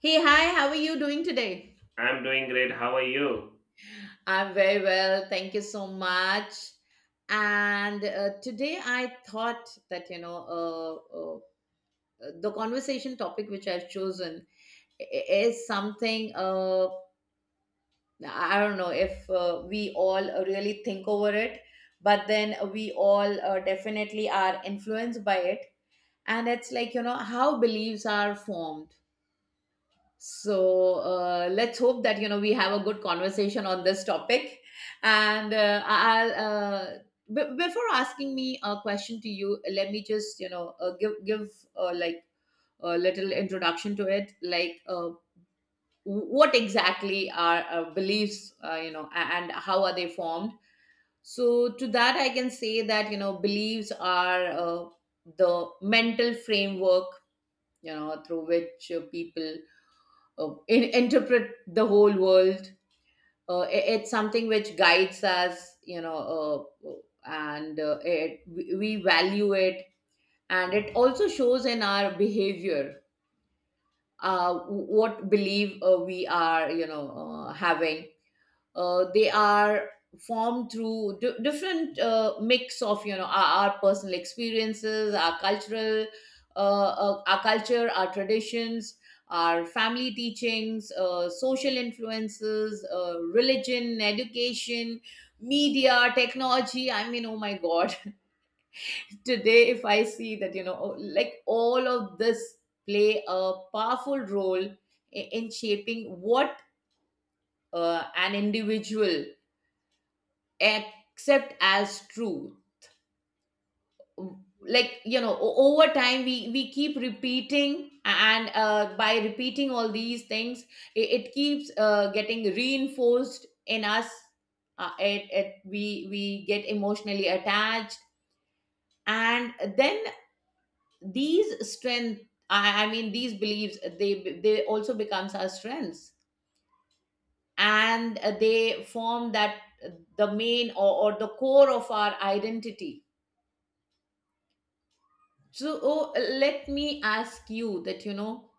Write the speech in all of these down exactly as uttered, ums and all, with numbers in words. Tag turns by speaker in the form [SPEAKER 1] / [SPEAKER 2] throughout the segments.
[SPEAKER 1] Hey, hi, how are you doing today?
[SPEAKER 2] I'm doing great. How are you?
[SPEAKER 1] I'm very well, thank you so much. And uh, Today I thought that, you know, uh, uh, the conversation topic which I've chosen i- is something. uh, I don't know if uh, we all really think over it, but then we all uh, definitely are influenced by it. And it's like, you know, how beliefs are formed. So uh, let's hope that you know we have a good conversation on this topic. And uh, I'll uh, b- before asking me a question to you, let me just you know uh, give give, uh, like, a little introduction to it. Like uh, what exactly are uh, beliefs? Uh, you know, a- and how are they formed? So, to that, I can say that you know beliefs are uh, the mental framework you know through which uh, people uh, in, interpret the whole world. Uh, i- it's something which guides us, you know, uh, and uh, it, we we value it, and it also shows in our behavior, uh, what belief uh, we are, you know, uh, having. Uh, they are formed through di different uh, mix of you know our, our personal experiences, our cultural uh, uh, our culture, our traditions, our family teachings, uh, social influences, uh, religion, education, media, technology. I mean, oh my god. Today if I see that you know oh, like, all of this play a powerful role i- in shaping what uh, an individual accept as true. Like, you know o- over time we we keep repeating, and uh, by repeating all these things, it, it keeps uh, getting reinforced in us. Uh, it, it we we get emotionally attached, and then these strength I, I mean these beliefs they they also becomes our strengths, and they form that, the main, or, or the core of our identity. So, oh, let me ask you that you know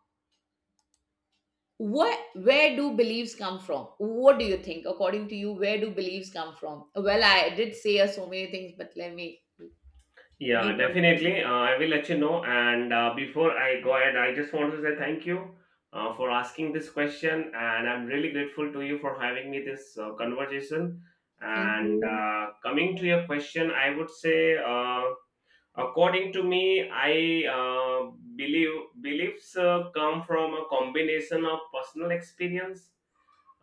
[SPEAKER 1] what where do beliefs come from? What do you think, according to you, where do beliefs come from? Well, I did say uh, so many things, but let me you
[SPEAKER 2] Yeah,
[SPEAKER 1] go first.
[SPEAKER 2] definitely. Uh, I will let you know. And uh, before I go ahead, I just want to say thank you uh, for asking this question. And I'm really grateful to you for having me this uh, conversation.
[SPEAKER 1] Thank
[SPEAKER 2] And
[SPEAKER 1] you.
[SPEAKER 2] uh, coming to your question, I would say, uh, according to me, I uh, believe beliefs uh, come from a combination of personal experience.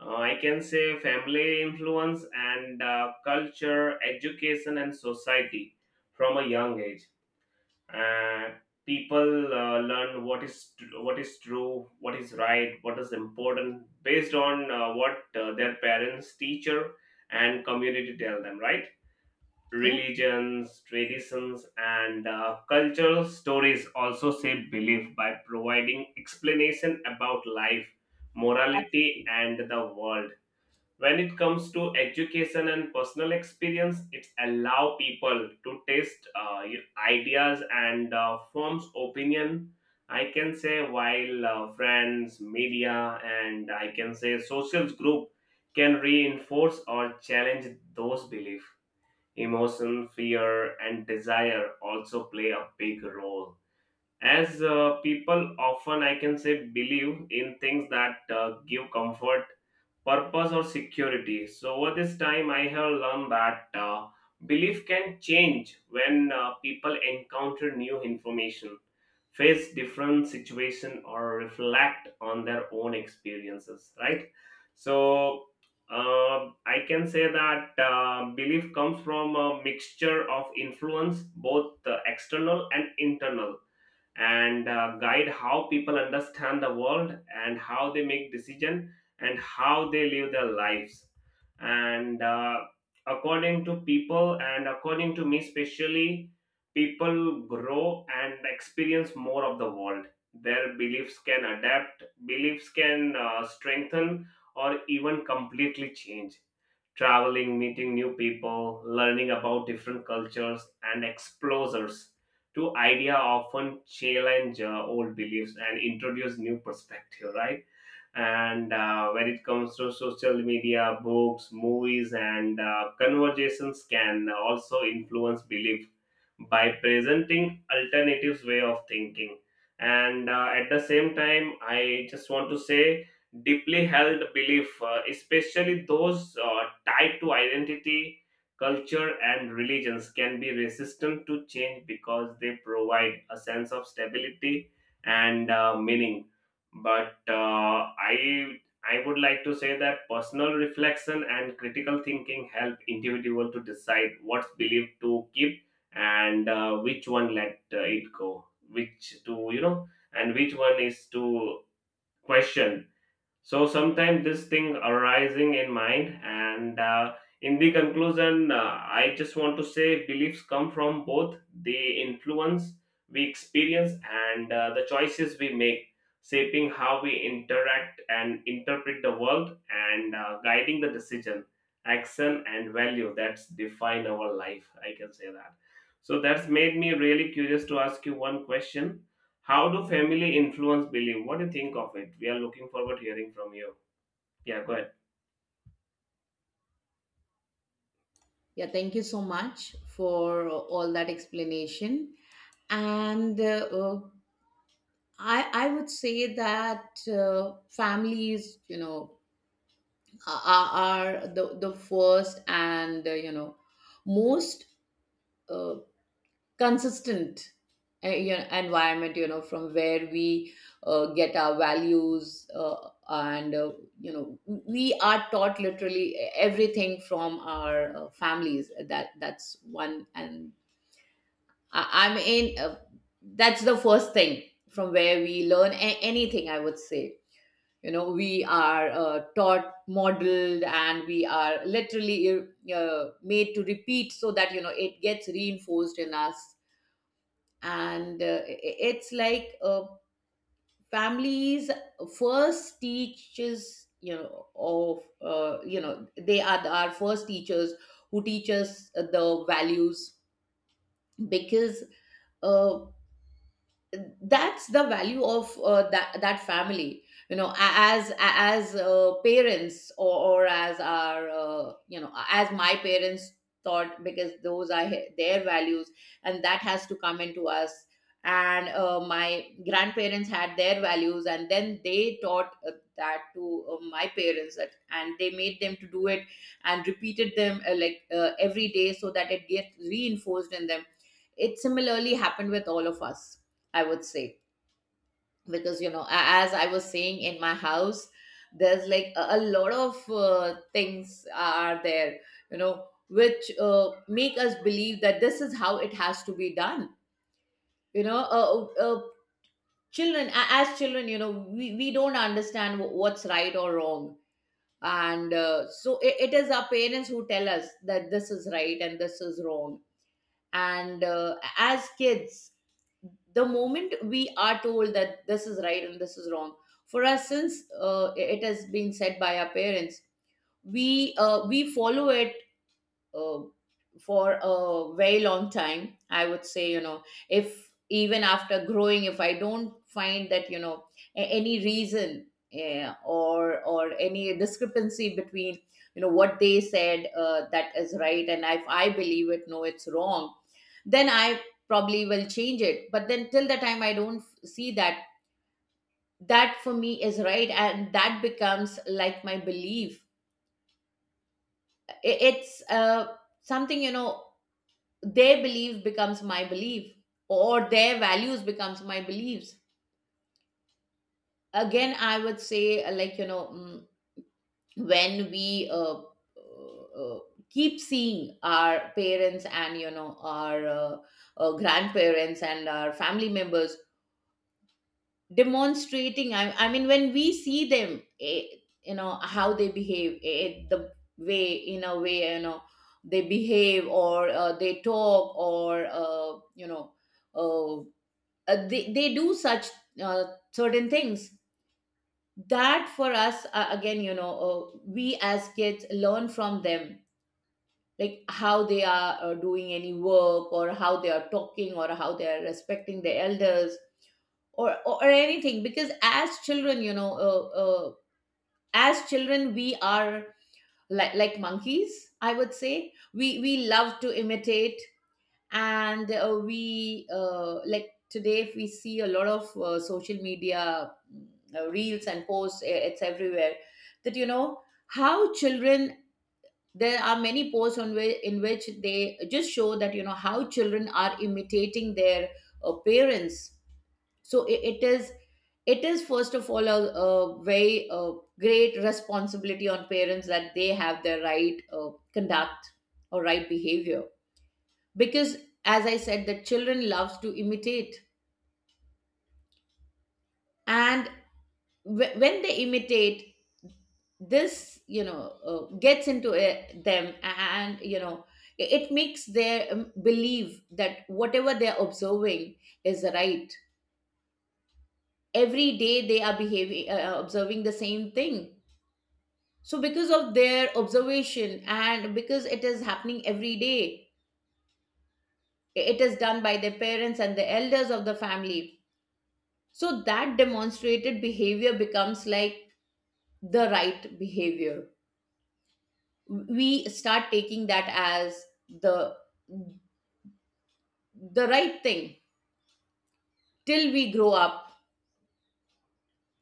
[SPEAKER 2] Uh, I can say family influence and uh, culture, education, and society from a young age. Uh, People uh, learn what is tr- what is true, what is right, what is important based on uh, what uh, their parents, teacher, and community tell them, right?
[SPEAKER 1] Yeah.
[SPEAKER 2] Religions, traditions, and uh, cultural stories also shape belief by providing explanation about life, morality, and the world. When it comes to education and personal experience, it's allow people to test uh, your ideas and uh, forms opinion. I can say while uh, friends, media, and I can say social group can reinforce or challenge those beliefs. Emotion, fear, and desire also play a big role as uh, people often I can say believe in things that uh, give comfort, purpose, or security. So over this time, I have learned that uh, belief can change when uh, people encounter new information, face different situation, or reflect on their own experiences. Right. So uh, I can say that uh, belief comes from a mixture of influence, both uh, external and internal, and uh, guide how people understand the world and how they make decision and how they live their lives. And uh, according to people and according to me especially, people grow and experience more of the world, their beliefs can adapt, beliefs can uh, strengthen or even completely change. Traveling, meeting new people, learning about different cultures and exposures to idea often challenge uh, old beliefs and introduce new perspective, right? And uh, when it comes to social media, books, movies, and uh, conversations can also influence belief by presenting alternative way of thinking. And uh, at the same time I just want to say deeply held belief uh, especially those uh, tied to identity, culture, and religions can be resistant to change because they provide a sense of stability and uh, meaning. But uh, i i would like to say that personal reflection and critical thinking help individual to decide what's believed to keep and uh, which one let uh, it go, which to you know and which one is to question. So sometimes this thing arising in mind, and uh, in the conclusion, uh, I just want to say beliefs come from both the influence we experience and uh, the choices we make, shaping how we interact and interpret the world, and uh, guiding the decision, action, and value that define our life. I can say that. So that's made me really curious to ask you one question: how do family influence belief? What do you think of it? We are looking forward to hearing from you. Yeah, go ahead.
[SPEAKER 1] Yeah, thank you so much for all that explanation. And uh, uh, I I would say that uh, families, you know, are, are the the first and uh, you know most uh, consistent uh, you know, environment you know from where we uh, get our values. Uh, and uh, you know We are taught literally everything from our uh, families. That that's one. And, I, I'm in uh, that's the first thing from where we learn a- anything, I would say. You know we are uh, taught, modeled, and we are literally uh, made to repeat so that you know it gets reinforced in us. And uh, It's like, uh, families first teaches. You know of uh, you know They are our first teachers who teach us the values, because uh, that's the value of uh, that that family. You know a- as a- as uh, parents, or, or as our uh, you know as my parents thought, because those are he- their values, and that has to come into us. And uh, my grandparents had their values, and then they taught uh, that to uh, my parents, that, and they made them to do it and repeated them, uh, like, uh, every day, so that it gets reinforced in them. It similarly happened with all of us, I would say. Because, you know, a- as I was saying, in my house, there's like a, a lot of uh, things are there, you know, which uh, make us believe that this is how it has to be done. You know, uh, uh, uh, children, a- as children, you know, we, we don't understand wh- what's right or wrong. And uh, so it, it is our parents who tell us that this is right and this is wrong, and uh, as kids, the moment we are told that this is right and this is wrong, for us, since uh, it has been said by our parents, we uh, we follow it uh, for a very long time, I would say. You know if, even after growing, if I don't find that you know a- any reason, eh, or or any discrepancy between you know what they said, uh, that is right, and if I believe it, no, it's wrong, then I probably will change it. But then, till the time I don't f- see that, that for me is right, and that becomes like my belief. I- it's uh, something. You know their belief becomes my belief, or their values becomes my beliefs. Again, I would say, uh, like, you know mm, when we uh, uh, keep seeing our parents, and you know our uh, uh, grandparents and our family members demonstrating. I, I mean when we see them, eh, you know how they behave, eh, the way in a way you know they behave, or uh, they talk, or uh, you know uh, uh, they, they do such uh, certain things, that for us, uh, again, you know uh, we as kids learn from them, like how they are uh, doing any work, or how they are talking, or how they are respecting the elders, or or anything. Because as children, you know uh, uh, as children we are like, like monkeys, I would say. We we love to imitate. And uh, we uh, like today, if we see a lot of uh, social media mm, uh, reels and posts, i- it's everywhere, that, you know, how children — there are many posts on whi- in which they just show that, you know, how children are imitating their uh, parents. So i- it is it is, first of all, a, a very uh, great responsibility on parents, that they have their right uh, conduct or right behavior, because, as I said, the children loves to imitate, and wh- when they imitate this, you know uh, gets into it, them, and you know it it makes their um, believe that whatever they're observing is right. Every day they are behaving uh, uh, observing the same thing, so because of their observation, and because it is happening every day, it is done by their parents and the elders of the family, so that demonstrated behavior becomes like the right behavior. We start taking that as the the right thing, till we grow up.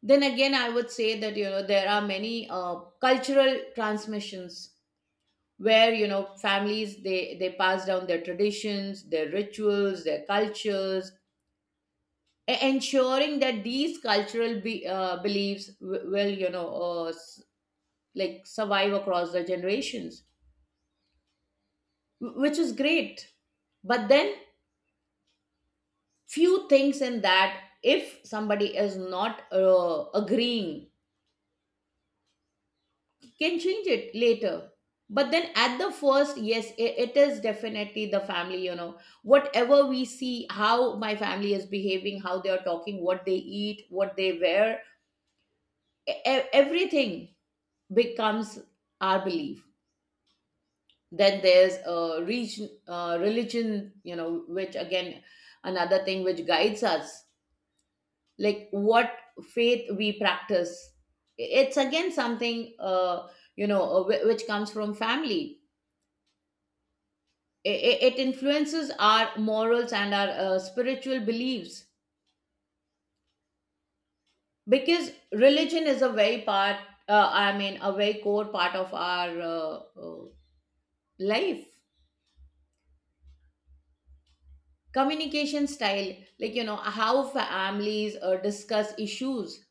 [SPEAKER 1] Then again, I would say that you know there are many uh, cultural transmissions, where you know families, they they pass down their traditions, their rituals, their cultures, e- ensuring that these cultural be, uh, beliefs w- will you know uh, s- like survive across the generations, wh- which is great. But then, few things in that, if somebody is not uh, agreeing, can change it later. But then, at the first, yes, i- it is definitely the family. You know whatever we see, how my family is behaving, how they are talking, what they eat, what they wear — e- e- everything becomes our belief. Then there's a region, uh, religion, you know, which, again, another thing which guides us, like what faith we practice. It's, again, something uh, you know uh, whi- which comes from family. I- it influences our morals and our uh, spiritual beliefs, because religion is a very part uh, i mean a very core part of our uh, uh, life. Communication style, like, you know how families uh, discuss issues,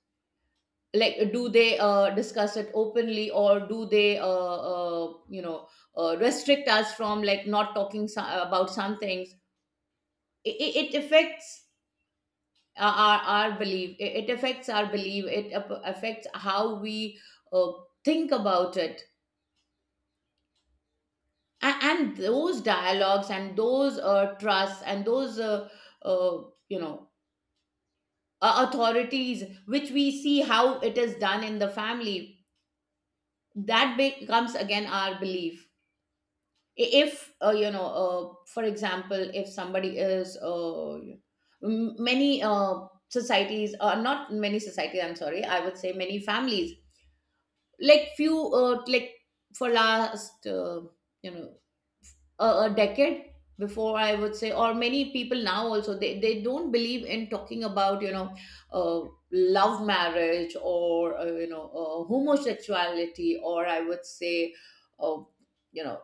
[SPEAKER 1] like, do they uh, discuss it openly, or do they uh, uh, you know uh, restrict us from, like, not talking so- about some things. It, it affects our, our our belief. It, it affects our belief. It ap- affects how we uh, think about it, and, and those dialogues, and those uh, trusts, and those uh, uh, you know uh, authorities, which we see how it is done in the family, that becomes, again, our belief. If uh, you know uh, for example, if somebody is uh, m- many uh, societies — or not many societies, I'm sorry, I would say, many families, like, few, uh, like, for last, uh, you know a, a decade before, I would say, or many people now also, they, they don't believe in talking about you know uh, love marriage, or uh, you know uh, homosexuality, or I would say, uh, you know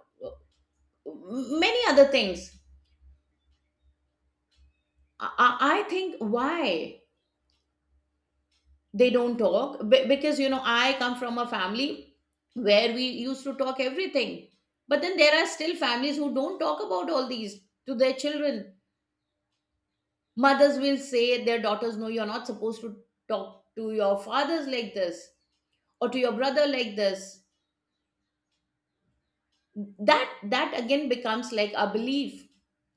[SPEAKER 1] many other things. I, I I think why they don't talk. Be- because you know I come from a family where we used to talk everything, but then there are still families who don't talk about all these to their children. Mothers will say their daughters, no, you're not supposed to talk to your fathers like this, or to your brother like this. That that again becomes like a belief,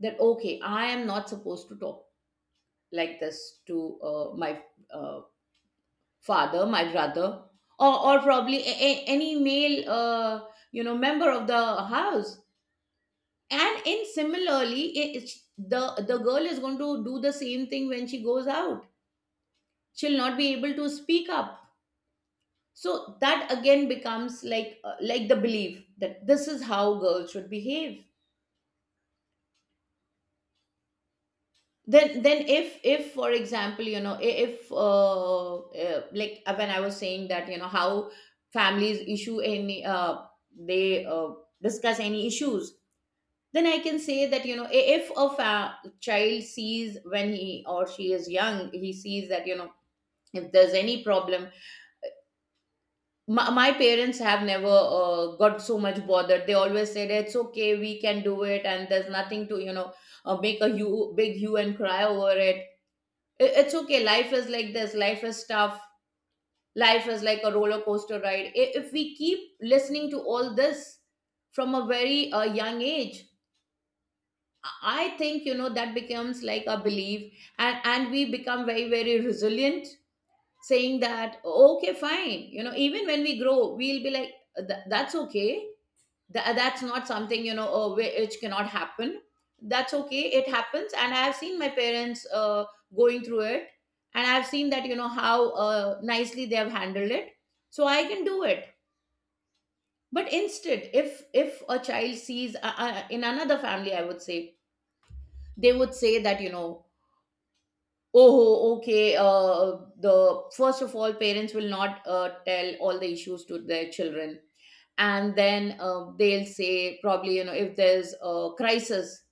[SPEAKER 1] that, okay, I am not supposed to talk like this to uh, my uh, father, my brother, or, or probably a, a- any male, uh, you know, member of the house. And in similarly, I- it's, the the girl is going to do the same thing when she goes out. She'll not be able to speak up. So that again becomes like uh, like the belief that this is how girls should behave. Then then if if for example, you know, I- if uh, uh, like uh, when I was saying that, you know, how families issue any uh, they uh, discuss any issues, then I can say that, you know, i- if a fa- child sees when he or she is young, he sees that, you know, if there's any problem, my, my parents have never uh, got so much bothered. They always said it's okay, we can do it, and there's nothing to, you know uh, make a hue, big hue and cry over it. I- it's okay, life is like this, life is tough, life is like a roller coaster ride. I- if we keep listening to all this from a very uh, young age, I think, you know, that becomes like a belief. And and we become very, very resilient, saying that okay, fine, you know, even when we grow, we'll be like, "Th- that's okay. Tha- that's not something, you know, uh, which cannot happen. That's okay, it happens." And I have seen my parents uh, going through it, and I've seen that, you know, how uh, nicely they have handled it, so I can do it. But instead, if if a child sees uh, uh, in another family, I would say they would say that, you know, oh, okay, uh, the first of all, parents will not uh, tell all the issues to their children. And then uh, they'll say probably, you know, if there's a crisis,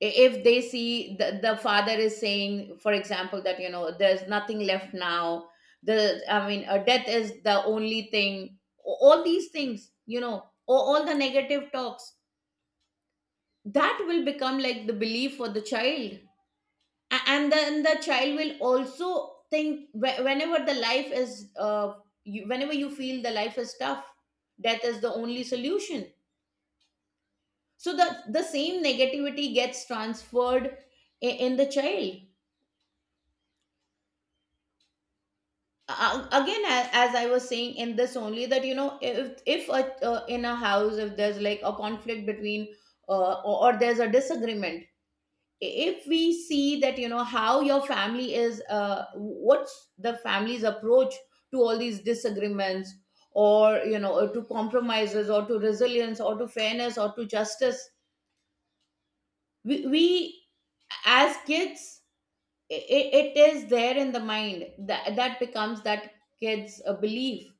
[SPEAKER 1] if they see the, the father is saying, for example, that, you know, there's nothing left now, the I mean, uh, death is the only thing. All these things, you know, all, all the negative talks, that will become like the belief for the child. A- and then the child will also think, whe- whenever the life is uh, you, whenever you feel the life is tough, death is the only solution. So the the same negativity gets transferred i- in the child. Uh, again, a- as I was saying in this only, that, you know, if if a, uh, in a house, if there's like a conflict between uh, or, or there's a disagreement. I- if we see that, you know, how your family is, uh, what's the family's approach to all these disagreements, or, you know, or to compromises, or to resilience, or to fairness, or to justice. We, we, as kids, it, it is there in the mind, that that becomes that kids' uh, belief.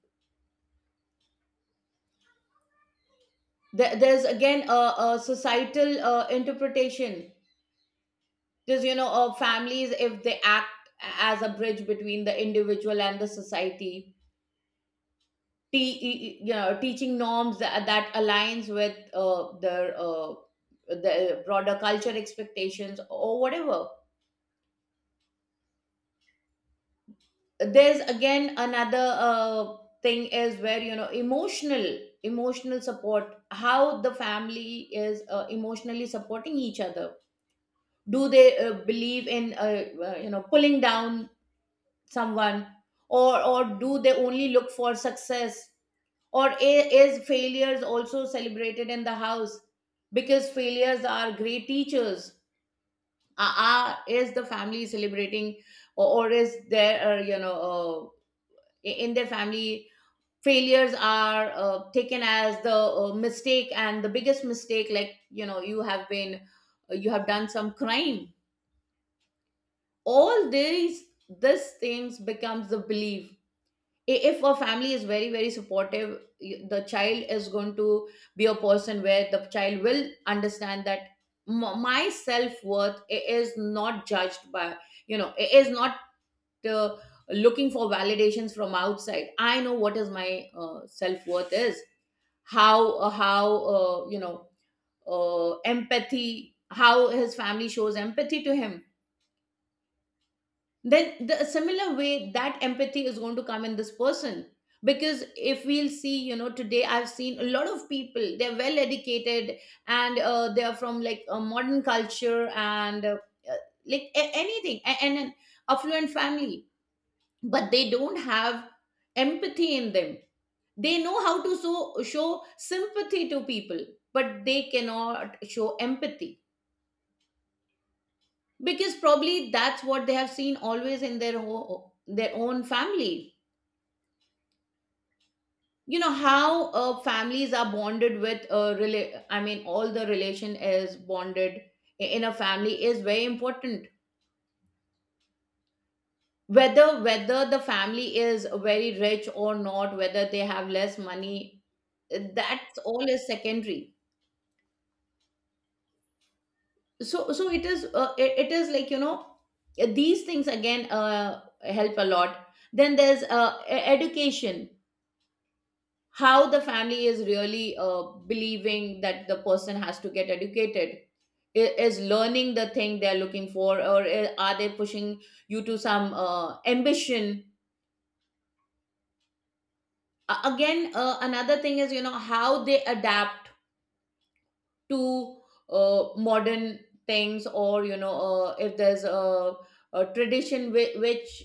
[SPEAKER 1] There, there's again a, a societal uh, interpretation, because, you know, uh, families, if they act as a bridge between the individual and the society, te- e- e- you know, teaching norms that, that aligns with uh, their uh, the broader culture expectations or whatever. There's again another uh, thing is, where, you know, emotional emotional support, how the family is uh, emotionally supporting each other. Do they uh, believe in uh, uh, you know, pulling down someone? Or or do they only look for success? Or i- is failures also celebrated in the house? Because failures are great teachers. Uh, uh, is the family celebrating, or, or is there, uh, you know uh, i- in their family, failures are uh, taken as the uh, mistake, and the biggest mistake, like, you know, you have been uh, you have done some crime. All these these things becomes the belief. I- if a family is very, very supportive, y- the child is going to be a person where the child will understand that m- my self-worth i- is not judged by, you know, i- is not uh, looking for validations from outside. I know what is my uh, self-worth is. How uh, how uh, you know, uh, empathy, how his family shows empathy to him, then the a similar way that empathy is going to come in this person. Because if we'll see, you know, today I've seen a lot of people, they're well educated and uh, they're from like a modern culture and uh, uh, like a- anything a- and an affluent family, but they don't have empathy in them. They know how to so, show sympathy to people, but they cannot show empathy, because probably that's what they have seen always in their ho- their own family. You know, how uh, families are bonded with uh, rela- I mean, all the relation is bonded i- in a family, is very important. Whether whether the family is very rich or not, whether they have less money, uh, that's all is secondary. So so it is uh, it, it is like, you know, these things again uh, help a lot. Then there's uh, e- education, how the family is really uh, believing that the person has to get educated. I- is learning the thing they're looking for, or i- are they pushing you to some uh, ambition? A- again, uh, another thing is, you know, how they adapt to uh, modern things, or, you know, uh, if there's a, a tradition whi- which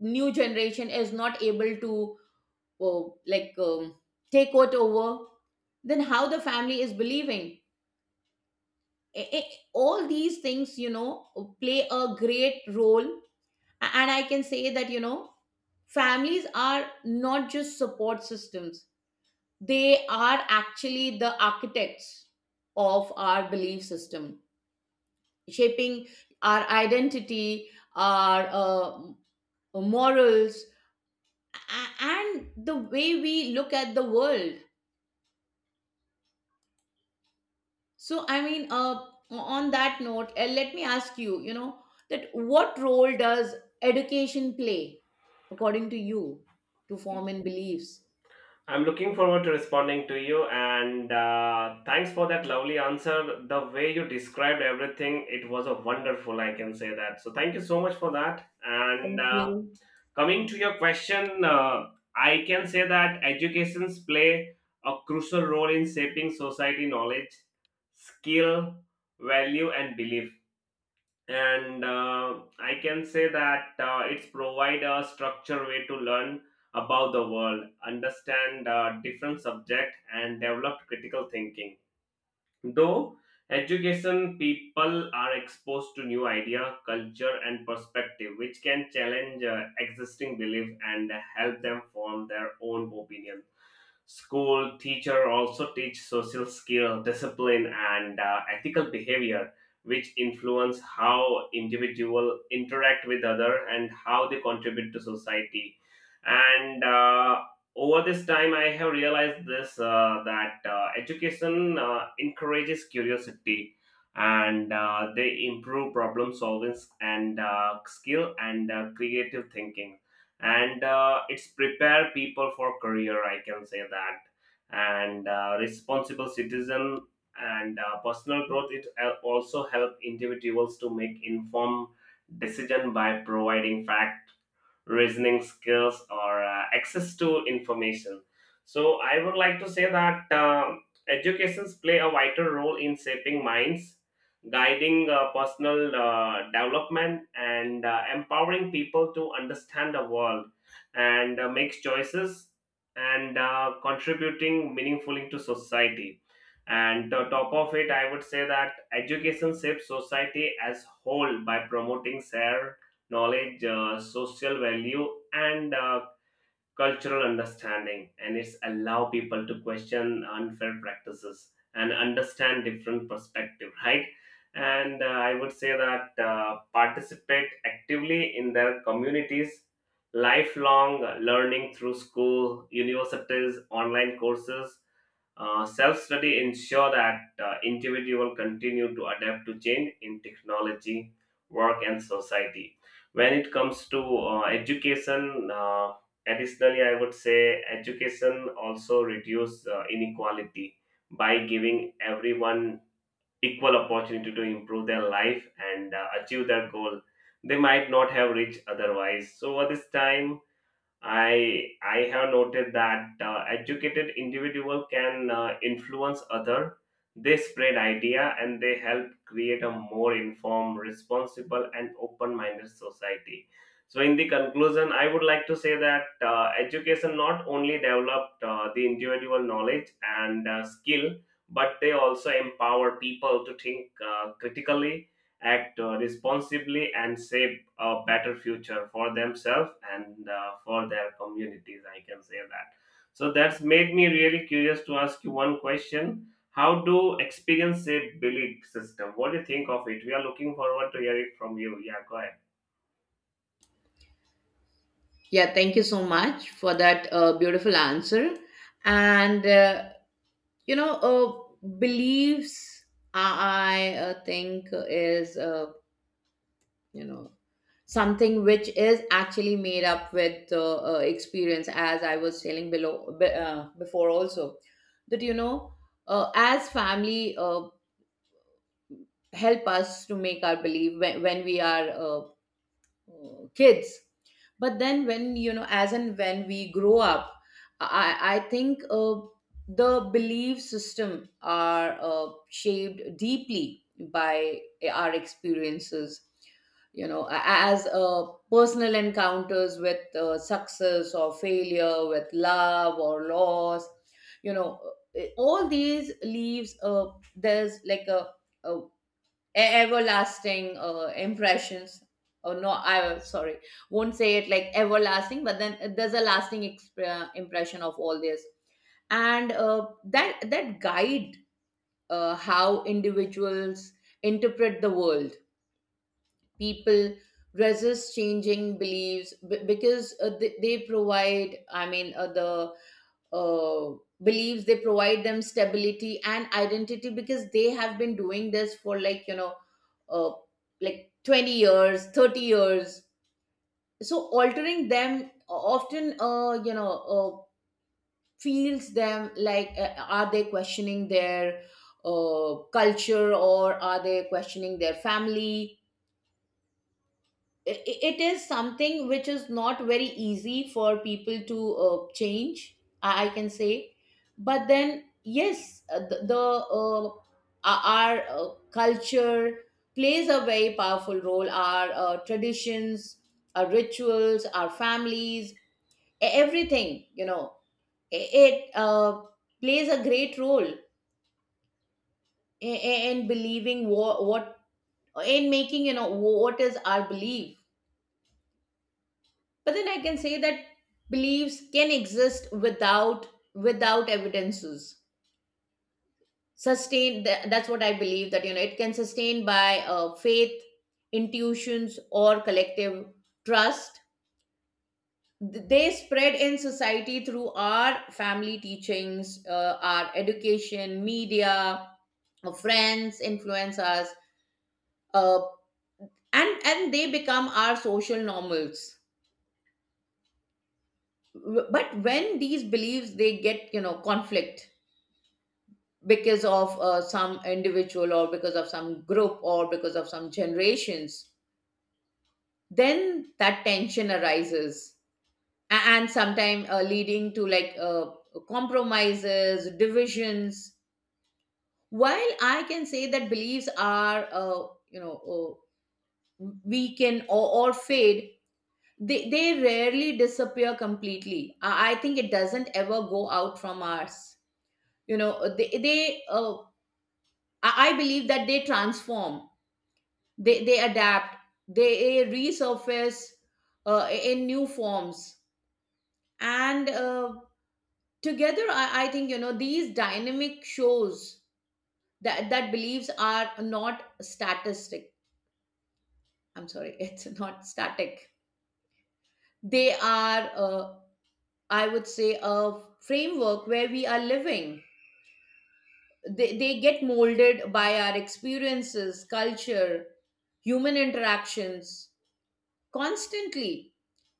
[SPEAKER 1] new generation is not able to, uh, like um, take it over. Then how the family is believing. I- I- all these things, you know, play a great role. A- and I can say that, you know, families are not just support systems, they are actually the architects of our belief system, shaping our identity, our uh, morals, a- and the way we look at the world. So, I mean, uh, on that note, uh, let me ask you, you know, that what role does education play, according to you, to form in beliefs?
[SPEAKER 2] I'm looking forward to responding to you, and uh, thanks for that lovely answer. The way you described everything, it was a wonderful. I can say that. So thank you so much for that. And
[SPEAKER 1] Thank
[SPEAKER 2] uh,
[SPEAKER 1] you.
[SPEAKER 2] coming to your question, uh, I can say that educations play a crucial role in shaping society knowledge, skill, value, and belief. And uh, I can say that uh, it's provide a structured way to learn about the world, understand uh, different subject, and develop critical thinking. Though education, people are exposed to new idea, culture, and perspective, which can challenge uh, existing belief and help them form their own opinion. School teacher also teach social skill, discipline, and uh, ethical behavior, which influence how individual interact with other and how they contribute to society. And uh, over this time I have realized this uh, that uh, education uh, encourages curiosity and uh, they improve problem solving and uh, skill and uh, creative thinking. And uh, it's prepare people for career I can say that, and uh, responsible citizen and uh, personal growth. It al- also help individuals to make informed decision by providing fact, reasoning skills, or uh, access to information. So I would like to say that uh, educations play a vital role in shaping minds, guiding uh, personal uh, development, and uh, empowering people to understand the world and uh, make choices and uh, contributing meaningfully to society. And on top of it, I would say that education shapes society as whole by promoting share knowledge, uh, social value, and uh, cultural understanding. And it's allow people to question unfair practices and understand different perspective, right? And uh, I would say that uh, participate actively in their communities, lifelong learning through school, universities, online courses, uh, self-study ensure that uh, individual continue to adapt to change in technology, work, and society. When it comes to uh, education, uh, additionally, I would say education also reduce uh, inequality by giving everyone equal opportunity to improve their life and uh, achieve their goal they might not have reached otherwise. So at this time, I I have noted that uh, educated individual can uh, influence other. They spread idea and they help create a more informed, responsible, and open-minded society. So, in the conclusion, I would like to say that uh, education not only developed uh, the individual knowledge and uh, skill, but they also empower people to think uh, critically, act uh, responsibly, and shape a better future for themselves and uh, for their communities, I can say that. So that's made me really curious to ask you one question: how do experience a belief system? What do you think of it? We are looking forward to hearing from you. Yeah, go ahead.
[SPEAKER 1] Yeah, thank you so much for that uh, beautiful answer. And, uh, you know, uh, beliefs, I, uh, think, is, uh, you know, something which is actually made up with uh, uh, experience, as I was telling below, be- uh, before also, that, you know, uh, as family uh, help us to make our belief when, when we are uh, uh, kids. But then when, you know, as and when we grow up, i i think uh, the belief system are uh, shaped deeply by our experiences, you know, a- as uh, personal encounters with uh, success or failure, with love or loss, you know, uh, all these leaves uh, there's like a, a e- everlasting uh, impressions. Oh no, I sorry, won't say it like everlasting, but then there's a lasting exp- uh, impression of all this. And uh, that that guide uh, how individuals interpret the world. People resist changing beliefs b- because uh, they, they provide, I mean, uh, the uh, believes, they provide them stability and identity, because they have been doing this for like, you know, uh, like twenty years, thirty years. So altering them often, uh, you know uh, feels them like, uh, are they questioning their uh, culture, or are they questioning their family? I- i- it is something which is not very easy for people to uh, change, i I can say. But then, yes, uh, the, the uh, our our, uh, culture plays a very powerful role. Our uh, traditions, our rituals, our families, e- everything, you know, i- it uh, plays a great role in, in believing what, what in making, you know, what is our belief. But then I can say that beliefs can exist without, without evidences sustain. Tha- that's what I believe, that, you know, it can sustain by uh, faith, intuitions, or collective trust. Th- they spread in society through our family teachings, uh, our education, media, uh, friends, influencers, uh, and and they become our social normals. W- but when these beliefs, they get, you know, conflict because of uh, some individual, or because of some group, or because of some generations, then that tension arises. A- and sometimes uh, leading to, like, uh, compromises, divisions. While I can say that beliefs are, uh, you know uh, weaken, or, or fade, they, they rarely disappear completely. I, I think it doesn't ever go out from us. You know, they, they uh, I I believe that they transform, they they adapt, they resurface uh, in new forms. And uh, together, I, I think, you know, these dynamic shows that that beliefs are not statistic. I'm sorry, it's not static. They are, uh, I would say, a framework where we are living. They, they get molded by our experiences, culture, human interactions constantly.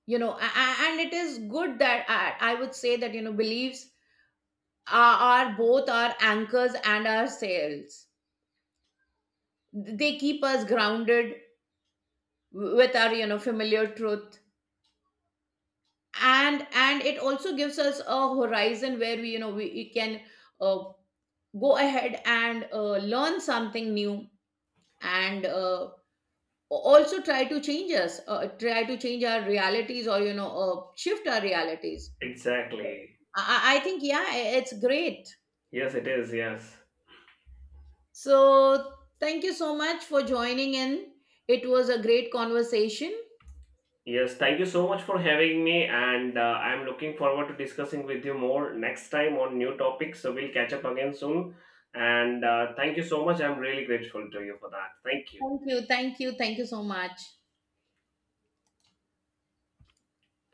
[SPEAKER 1] You know, a- a- and it is good that, I, I would say that, you know, beliefs are, are both our anchors and our sails. They keep us grounded w- with our, you know, familiar truth. And and it also gives us a horizon where we, you know, we, we can uh, go ahead and uh, learn something new. And uh, also try to change us, uh, try to change our realities, or, you know, uh, shift our realities.
[SPEAKER 2] Exactly.
[SPEAKER 1] I, I I think, yeah, it's great.
[SPEAKER 2] Yes, it is, yes.
[SPEAKER 1] So, thank you so much for joining in. It was a great conversation.
[SPEAKER 2] Yes, thank you so much for having me, and uh, I'm looking forward to discussing with you more next time on new topics, so we'll catch up again soon. And uh, thank you so much, I'm really grateful to you for that. Thank you.
[SPEAKER 1] Thank you, thank you, thank you so much.